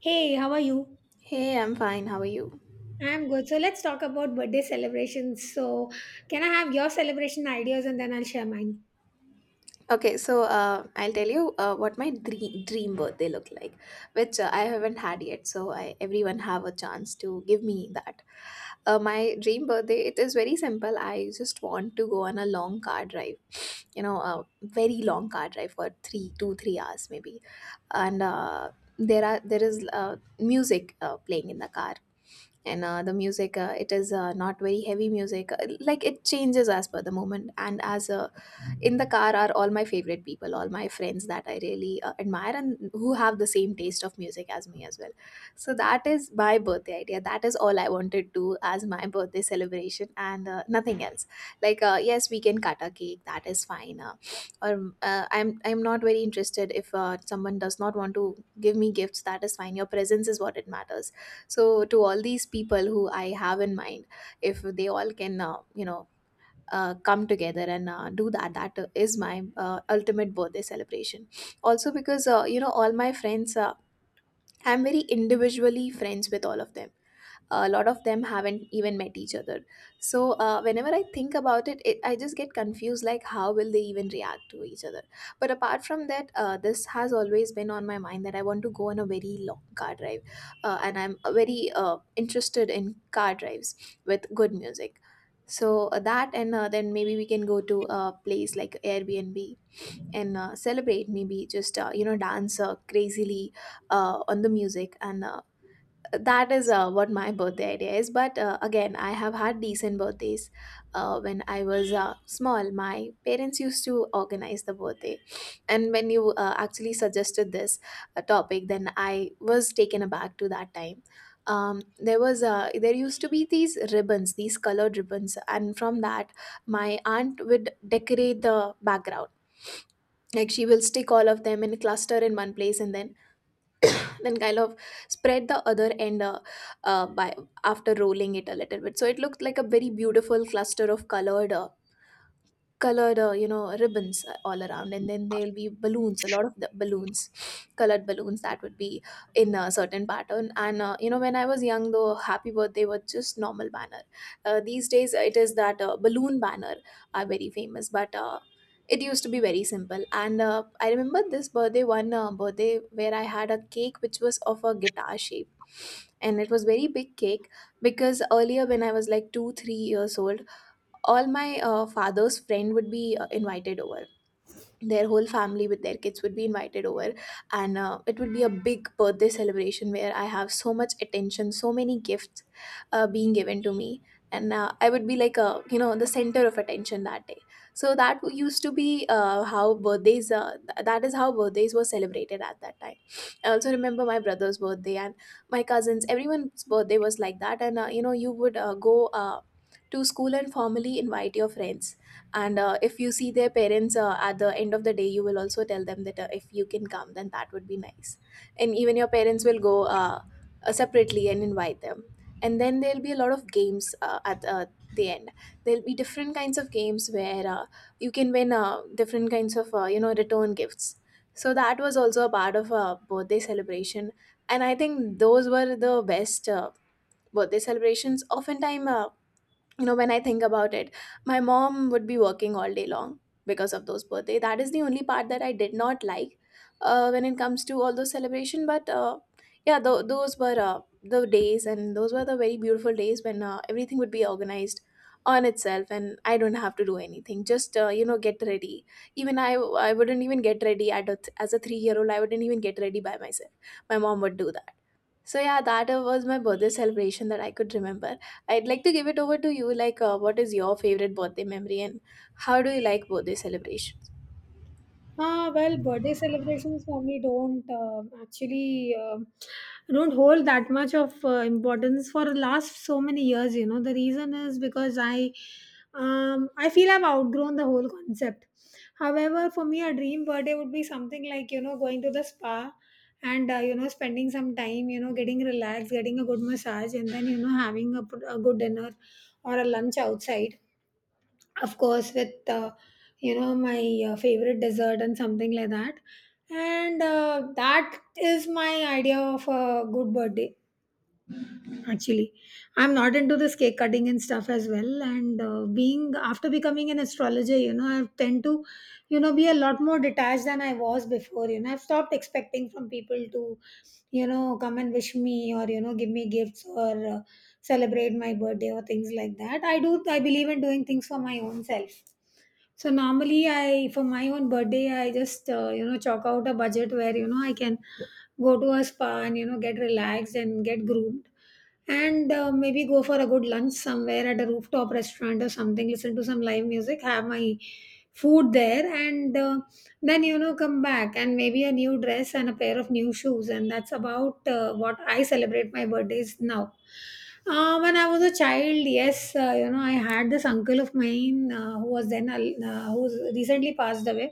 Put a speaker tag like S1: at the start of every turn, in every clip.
S1: Hey, how are you?
S2: Hey, I'm fine. How are you?
S1: I'm good. So let's talk about birthday celebrations. So, can I have your celebration ideas and then I'll share mine?
S2: Okay, so I'll tell you what my dream birthday look like, which I haven't had yet. So I everyone have a chance to give me that. My dream birthday it is very simple. I just want to go on a long car drive, you know, a very long car drive for three, two, 3 hours maybe, and there is music playing in the car, and the music it is not very heavy music. Like, it changes as per the moment, and as in the car are all my favorite people, all my friends that I really admire and who have the same taste of music as me as well. So that is my birthday idea, that is all I wanted to as my birthday celebration, and nothing else. Like, yes, we can cut a cake, that is fine. Or I'm not very interested. If someone does not want to give me gifts, that is fine, your presence is what it matters. So to all these people who I have in mind, if they all can, come together and do that, that is my ultimate birthday celebration. Also because, you know, all my friends, I'm very individually friends with all of them. A lot of them haven't even met each other. So whenever I think about it, I just get confused like how will they even react to each other. But apart from that, this has always been on my mind that I want to go on a very long car drive, and I'm very interested in car drives with good music. So that, and then maybe we can go to a place like Airbnb and celebrate, maybe just, you know, dance crazily on the music, and that is what my birthday idea is. But again, I have had decent birthdays. When I was small, my parents used to organize the birthday. And when you actually suggested this topic, then I was taken aback to that time. There was, there used to be these ribbons, these colored ribbons, and from that my aunt would decorate the background. Like, she will stick all of them in a cluster in one place and then kind of spread the other end, by, after rolling it a little bit, so it looked like a very beautiful cluster of colored colored, you know, ribbons all around. And then there'll be balloons, a lot of the balloons, colored balloons, that would be in a certain pattern. And you know, when I was young, the happy birthday was just normal banner. These days it is that balloon banner are very famous. But it used to be very simple. And I remember this birthday, one birthday where I had a cake which was of a guitar shape, and it was very big cake. Because earlier when I was like 2 3 years old, all my father's friend would be invited over, their whole family with their kids would be invited over. And it would be a big birthday celebration where I have so much attention, so many gifts being given to me. And I would be like a, you know, the center of attention that day. So that used to be how birthdays that is how birthdays were celebrated at that time. I also remember my brother's birthday, and my cousins, everyone's birthday was like that. And you know, you would go to school and formally invite your friends. And if you see their parents at the end of the day, you will also tell them that if you can come then that would be nice. And even your parents will go, separately, and invite them. And then there'll be a lot of games at the end. There'll be different kinds of games where you can win different kinds of, you know, return gifts. So that was also a part of a birthday celebration. And I think those were the best birthday celebrations. Oftentimes, you know, when I think about it, my mom would be working all day long because of those birthday. That is the only part that I did not like, when it comes to all those celebration. But yeah, those were the days, and those were the very beautiful days when everything would be organized on itself, and I don't have to do anything, just, you know, get ready. Even I wouldn't even get ready at as a 3-year old, I wouldn't even get ready by myself, my mom would do that. So yeah, that was my birthday celebration that I could remember. I'd like to give it over to you. Like, what is your favorite birthday memory, and how do you like birthday celebrations?
S1: Ah, well, birthday celebrations normally don't actually don't hold that much of importance for the last so many years. You know, the reason is because I feel I've outgrown the whole concept. However, for me, a dream birthday would be something like, you know, going to the spa and, you know, spending some time, you know, getting relaxed, getting a good massage, and then, you know, having a, a good dinner or a lunch outside, of course with, you know, my favorite dessert and something like that. And that is my idea of a good birthday, actually. I'm not into this cake cutting and stuff as well, and being after becoming an astrologer, you know, I tend to, you know, be a lot more detached than I was before. You know, I've stopped expecting from people to, you know, come and wish me, or, you know, give me gifts, or celebrate my birthday or things like that. I believe in doing things for my own self. So normally, I, for my own birthday, I just, you know, chalk out a budget where, you know, I can go to a spa and, you know, get relaxed and get groomed. And maybe go for a good lunch somewhere at a rooftop restaurant or something, listen to some live music, have my food there, and then, you know, come back, and maybe a new dress and a pair of new shoes, and that's about what I celebrate my birthdays now. When I was a child, yes, you know, I had this uncle of mine, who was then who's recently passed away.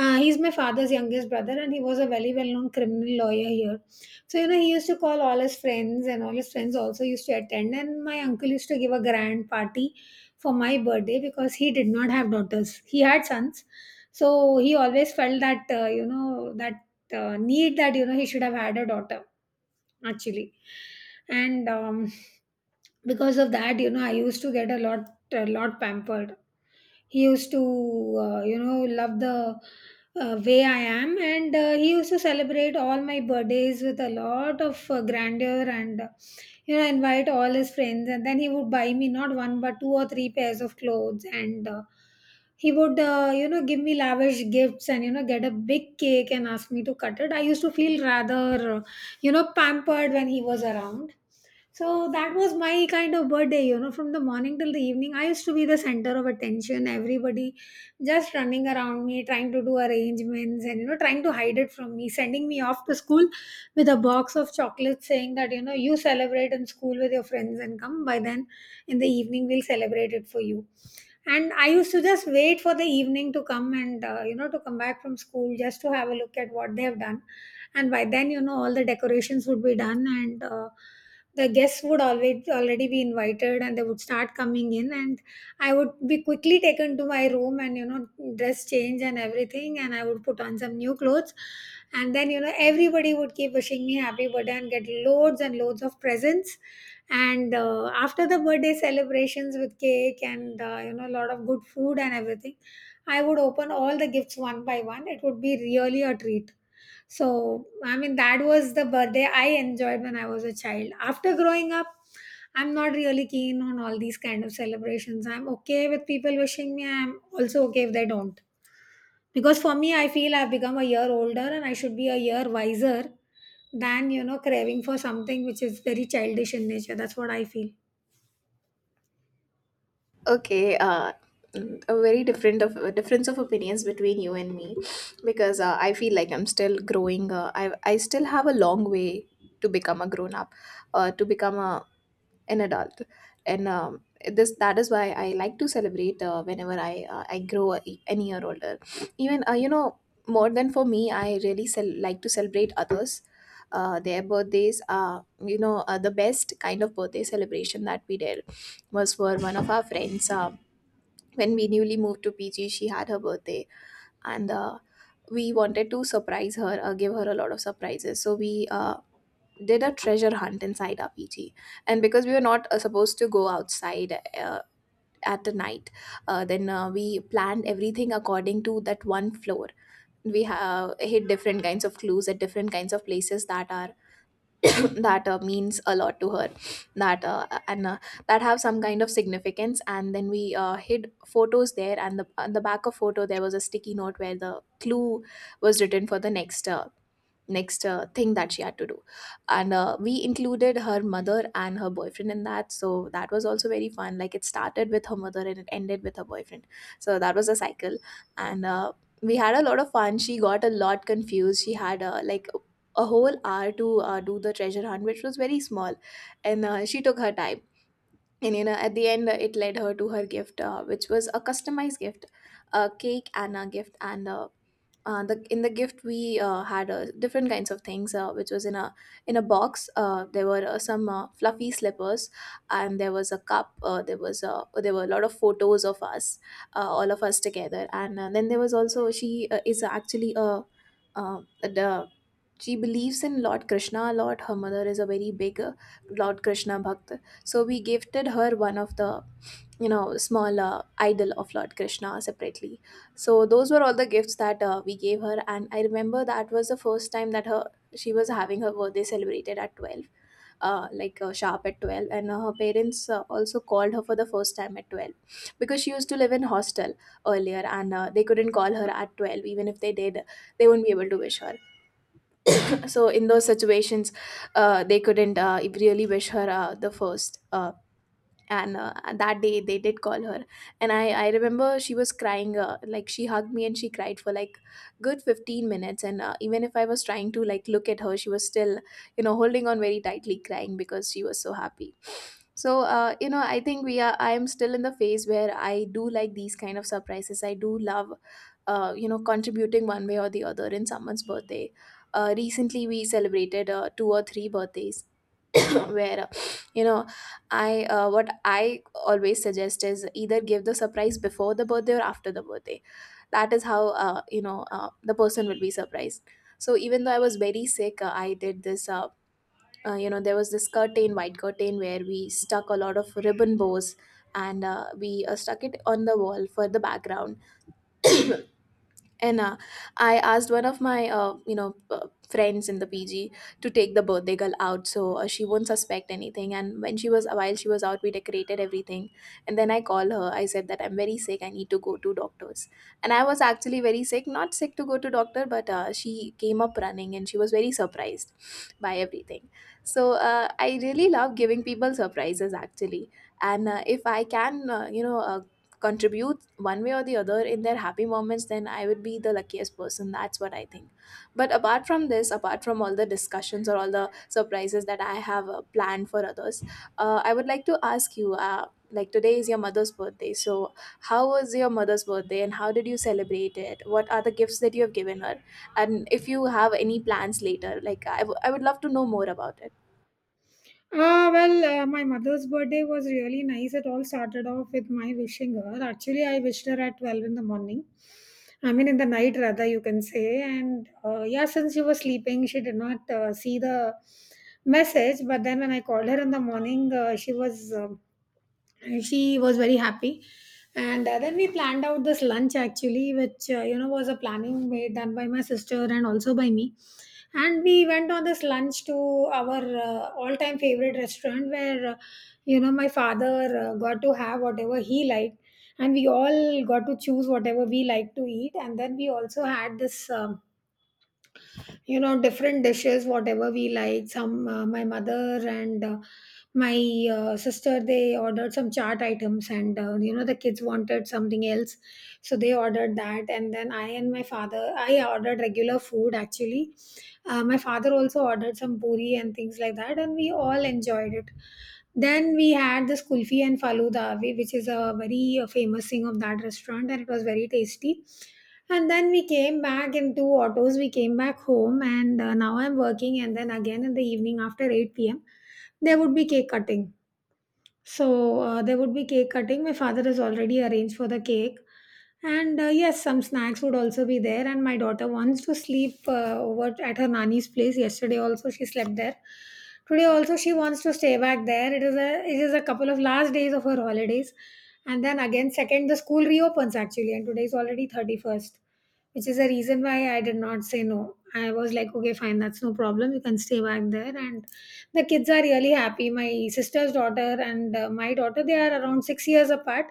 S1: He's my father's youngest brother and he was a very well known criminal lawyer here. So, you know, he used to call all his friends, and all his friends also used to attend. And my uncle used to give a grand party for my birthday because he did not have daughters. He had sons. So, he always felt that, you know, that need that, you know, he should have had a daughter, actually. And, because of that, you know, I used to get a lot pampered. He used to, you know, love the way I am, and he used to celebrate all my birthdays with a lot of grandeur, and you know, invite all his friends, and then he would buy me not one but two or three pairs of clothes, and he would, you know, give me lavish gifts, and, you know, get a big cake and ask me to cut it. I used to feel rather you know, pampered when he was around. So that was my kind of birthday, you know, from the morning till the evening. I used to be the center of attention, everybody just running around me, trying to do arrangements and, you know, trying to hide it from me, sending me off to school with a box of chocolates saying that, you know, you celebrate in school with your friends and come by, then in the evening, we'll celebrate it for you. And I used to just wait for the evening to come and, you know, to come back from school just to have a look at what they have done, and by then, you know, all the decorations would be done, and the guests would always already be invited and they would start coming in, and I would be quickly taken to my room, and, you know, dress change and everything, and I would put on some new clothes. And then, you know, everybody would keep wishing me happy birthday and get loads and loads of presents. And after the birthday celebrations with cake and, you know, a lot of good food and everything, I would open all the gifts one by one. It would be really a treat. So, I mean, that was the birthday I enjoyed when I was a child. After growing up, I'm not really keen on all these kind of celebrations. I'm okay with people wishing me, I'm also okay if they don't. Because for me, I feel I've become a year older and I should be a year wiser than, you know, craving for something which is very childish in nature. That's what I feel.
S2: Okay, a very different of a difference of opinions between you and me, because I feel like I'm still growing. I still have a long way to become a grown up, to become a, an adult. And this that is why I like to celebrate whenever I grow a, an year older. Even you know, more than for me, I really like to celebrate others, their birthdays are, you know, the best kind of birthday celebration that we did was for one of our friends. When we newly moved to PG, she had her birthday. And we wanted to surprise her, give her a lot of surprises. So we did a treasure hunt inside RPG. And because we were not supposed to go outside at the night, then we planned everything according to that one floor. We have hit different kinds of clues at different kinds of places that are that means a lot to her, that uh, and uh, that have some kind of significance. And then we hid photos there, and the on the back of photo there was a sticky note where the clue was written for the next thing that she had to do. And we included her mother and her boyfriend in that. So that was also very fun, like it started with her mother and it ended with her boyfriend. So that was a cycle. And we had a lot of fun, she got a lot confused. She had like a whole hour to do the treasure hunt, which was very small. And she took her time. And you know, at the end, it led her to her gift, which was a customized gift, a cake and a gift. And the, in the gift we had different kinds of things which was in a, in a box. There were some fluffy slippers, and there was a cup. Uh, there was a there were a lot of photos of us, all of us together. And then there was also, she is actually a, the she believes in Lord Krishna a lot. Her mother is a very big Lord Krishna bhakt. So we gifted her one of the small idol of Lord Krishna separately. So those were all the gifts that we gave her. And I remember that was the first time that her she was having her birthday celebrated at 12, sharp at 12, and her parents also called her for the first time at 12, because she used to live in hostel earlier, and they couldn't call her at 12. Even if they did, they wouldn't be able to wish her. So in those situations, they couldn't really wish her the first and that day they did call her. And I remember she was crying, like she hugged me and she cried for like good 15 minutes. And even if I was trying to like look at her, she was still holding on very tightly, crying because she was so happy. So I think we are I am still in the phase where I do like these kind of surprises. I do love contributing one way or the other in someone's birthday. Recently we celebrated two or three birthdays where you know I what I always suggest is either give the surprise before the birthday or after the birthday. That is how the person will be surprised. So even though I was very sick, I did this. There was this curtain, white curtain, where we stuck a lot of ribbon bows, and we stuck it on the wall for the background. And I asked one of my, friends in the PG to take the birthday girl out, so she won't suspect anything. And when she was while she was out, we decorated everything. And then I called her. I said that I'm very sick. I need to go to doctors. And I was actually very sick, not sick to go to doctor, but she came up running, and she was very surprised by everything. So I really love giving people surprises, actually. And if I can, contribute one way or the other in their happy moments, then I would be the luckiest person. That's what I think. But apart from this, apart from all the discussions or all the surprises that I have planned for others, I would like to ask you, like today is your mother's birthday. So how was your mother's birthday, and how did you celebrate it? What are the gifts that you have given her, and if you have any plans later, like I would love to know more about it.
S1: Ah, well, my mother's birthday was really nice. It all started off with my wishing her. Actually, I wished her at 12 in the morning. I mean, in the night, rather, you can say. And yeah, since she was sleeping, she did not see the message. But then when I called her in the morning, she was. And she was very happy. And then we planned out this lunch, actually, which, you know, was a planning made done by my sister and also by me. And we went on this lunch to our, all time favorite restaurant, where you know, my father got to have whatever he liked, and we all got to choose whatever we liked to eat. And then we also had this, you know, different dishes, whatever we like. Some, my mother and my sister, they ordered some chart items, and, you know, the kids wanted something else, so they ordered that. And then I and my father, I ordered regular food, actually. My father also ordered some puri and things like that, and we all enjoyed it. Then we had this kulfi and faluda, which is a very famous thing of that restaurant, and it was very tasty. And then we came back in two autos. We came back home, and now I'm working. And then again in the evening after 8 p.m., there would be cake cutting. So there would be cake cutting. My father has already arranged for the cake. And yes, some snacks would also be there. And my daughter wants to sleep over at her nanny's place. Yesterday also she slept there. Today also she wants to stay back there. It is a couple of last days of her holidays, and then again second the school reopens, actually, and today is already 31st, which is the reason why I did not say no. I was like, okay, fine, that's no problem. You can stay back there. And the kids are really happy. My sister's daughter and my daughter, they are around 6 years apart,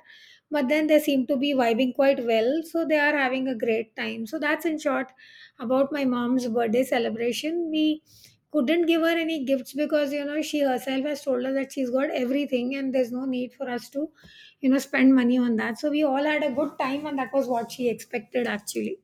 S1: but then they seem to be vibing quite well. So they are having a great time. So that's in short about my mom's birthday celebration. We couldn't give her any gifts because, you know, she herself has told us that she's got everything and there's no need for us to, you know, spend money on that. So we all had a good time, and that was what she expected, actually.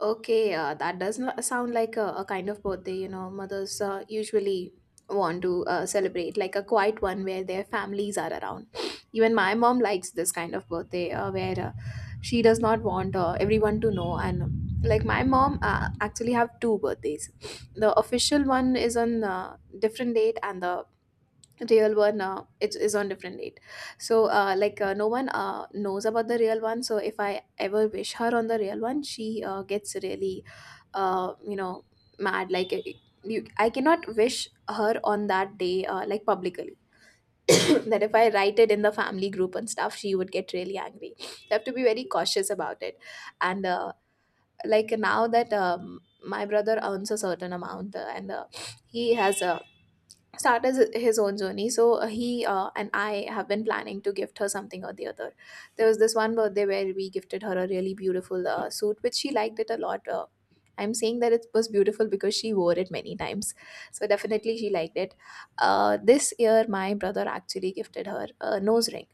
S2: Okay, that does not sound like a kind of birthday, you know, mothers usually want to celebrate, like a quiet one where their families are around. Even my mom likes this kind of birthday, where she does not want everyone to know. And like my mom actually have two birthdays. The official one is on different date, and the real one, it is on different date. So no one knows about the real one. So if I ever wish her on the real one, she gets really uh, you know mad. I cannot wish her on that day, like publicly. That if I write it in the family group and stuff, she would get really angry. You have to be very cautious about it. And like now that my brother earns a certain amount, and he has a his own journey. So he and I have been planning to gift her something or the other. There was this one birthday where we gifted her a really beautiful suit, which she liked it a lot. I'm saying that it was beautiful because she wore it many times, so definitely she liked it. This year my brother actually gifted her a nose ring,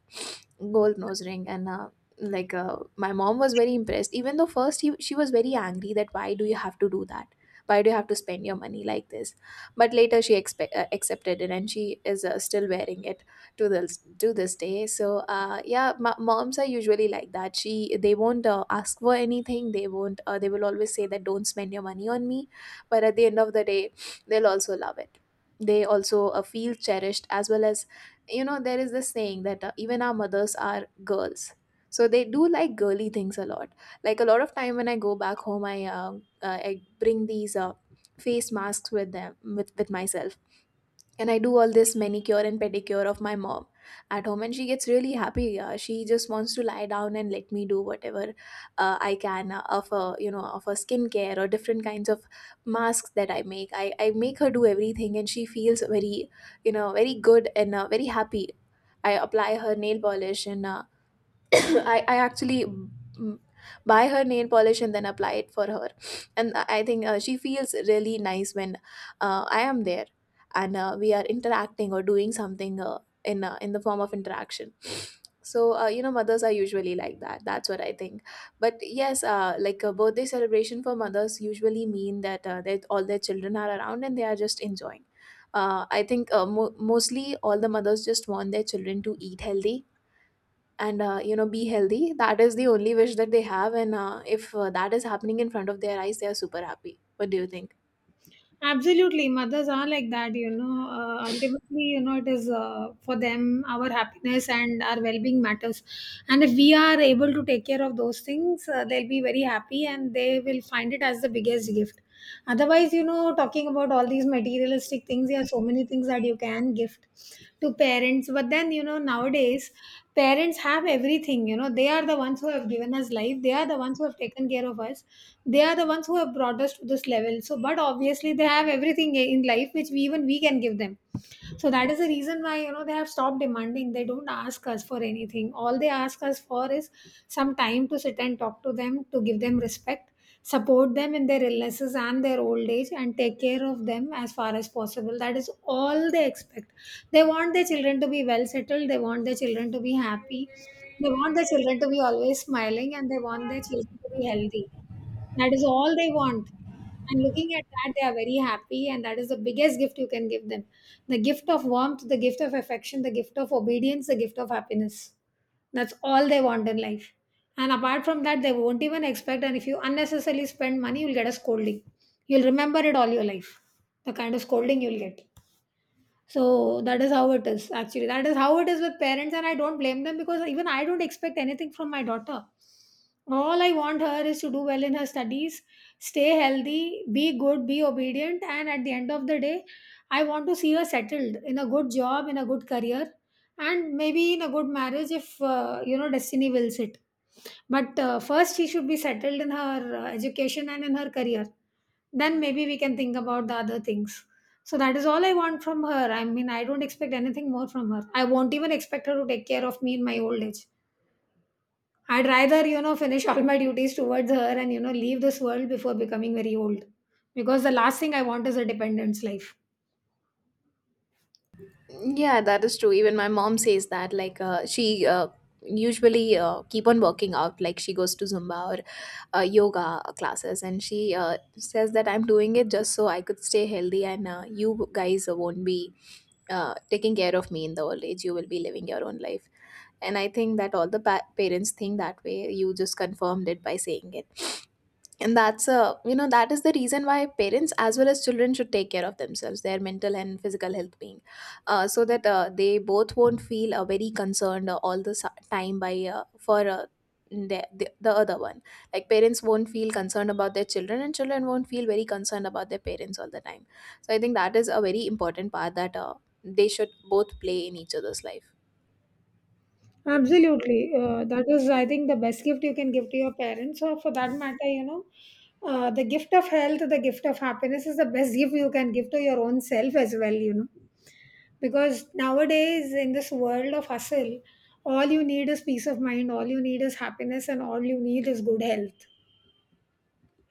S2: gold nose ring. And my mom was very impressed, even though first she was very angry that why do you have to do that, why do you have to spend your money like this. But later she accepted it, and she is still wearing it to this day. So yeah, moms are usually like that. She They won't ask for anything. They won't they will always say that don't spend your money on me. But at the end of the day, they'll also love it. They also feel cherished, as well as, you know, there is this saying that even our mothers are girls, so they do like girly things a lot. Like a lot of time when I go back home, I bring these face masks with myself. And I do all this manicure and pedicure of my mom at home, and she gets really happy. Yeah, she just wants to lie down and let me do whatever I can, of a you know of a skincare or different kinds of masks that I make. I make her do everything, and she feels very, you know, very good, and very happy. I apply her nail polish, and I actually buy her nail polish and then apply it for her. And I think she feels really nice when I am there, and we are interacting or doing something in the form of interaction. So mothers are usually like that. That's what I think. But yes, like a birthday celebration for mothers usually mean that that all their children are around and they are just enjoying. I think mostly all the mothers just want their children to eat healthy, and be healthy. That is the only wish that they have. And if that is happening in front of their eyes, they are super happy. What do you think?
S1: Absolutely, mothers are like that, you know. Ultimately, you know, it is, for them, our happiness and our well-being matters. And if we are able to take care of those things, they'll be very happy and they will find it as the biggest gift. Otherwise, you know, talking about all these materialistic things, there are so many things that you can gift to parents. But then, you know, nowadays parents have everything. You know, they are the ones who have given us life. They are the ones who have taken care of us, they are the ones who have brought us to this level. So but obviously they have everything in life which we, even we, can give them. So that is the reason why, you know, they have stopped demanding. They don't ask us for anything. All they ask us for is some time to sit and talk to them, to give them respect, support them in their illnesses and their old age, and take care of them as far as possible. That is all they expect. They want their children to be well settled, they want their children to be happy, they want their children to be always smiling, and they want their children to be healthy. That is all they want. And looking at that, they are very happy, and that is the biggest gift you can give them, the gift of warmth, the gift of affection, the gift of obedience, the gift of happiness. That's all they want in life. And apart from that, they won't even expect. And if you unnecessarily spend money, you'll get a scolding. You'll remember it all your life, the kind of scolding you'll get. So that is how it is, actually. That is how it is with parents, and I don't blame them because even I don't expect anything from my daughter. All I want her is to do well in her studies, stay healthy, be good, be obedient, and at the end of the day, I want to see her settled in a good job, in a good career, and maybe in a good marriage if, you know, destiny wills it. But first, she should be settled in her education and in her career. Then maybe we can think about the other things. So that is all I want from her. I mean, I don't expect anything more from her. I won't even expect her to take care of me in my old age. I'd rather, you know, finish all my duties towards her and, you know, leave this world before becoming very old. Because the last thing I want is a dependence life.
S2: Yeah, that is true. Even my mom says that, like she usually keep on working out, like she goes to Zumba or yoga classes. And she says that I'm doing it just so I could stay healthy, and you guys won't be taking care of me in the old age. You will be living your own life. And I think that all the parents think that way. You just confirmed it by saying it. And that's a, you know, that is the reason why parents as well as children should take care of themselves, their mental and physical health being, so that they both won't feel very concerned all the time by for the other one. Like parents won't feel concerned about their children, and children won't feel very concerned about their parents all the time. So I think that is a very important part that they should both play in each other's life.
S1: Absolutely. That is, I think, the best gift you can give to your parents, or for that matter, you know, the gift of health, the gift of happiness is the best gift you can give to your own self as well, you know. Because nowadays, in this world of hustle, all you need is peace of mind, all you need is happiness, and all you need is good health.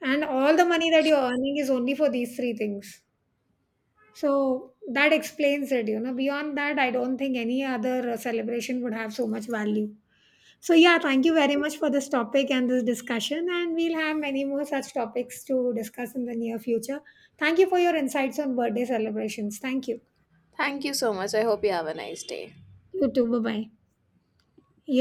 S1: And all the money that you're earning is only for these three things. So that explains it, you know. Beyond that, I don't think any other celebration would have so much value. So, yeah, thank you very much for this topic and this discussion. And we'll have many more such topics to discuss in the near future. Thank you for your insights on birthday celebrations. Thank you.
S2: Thank you so much. I hope you have a nice day.
S1: You too. Bye bye. You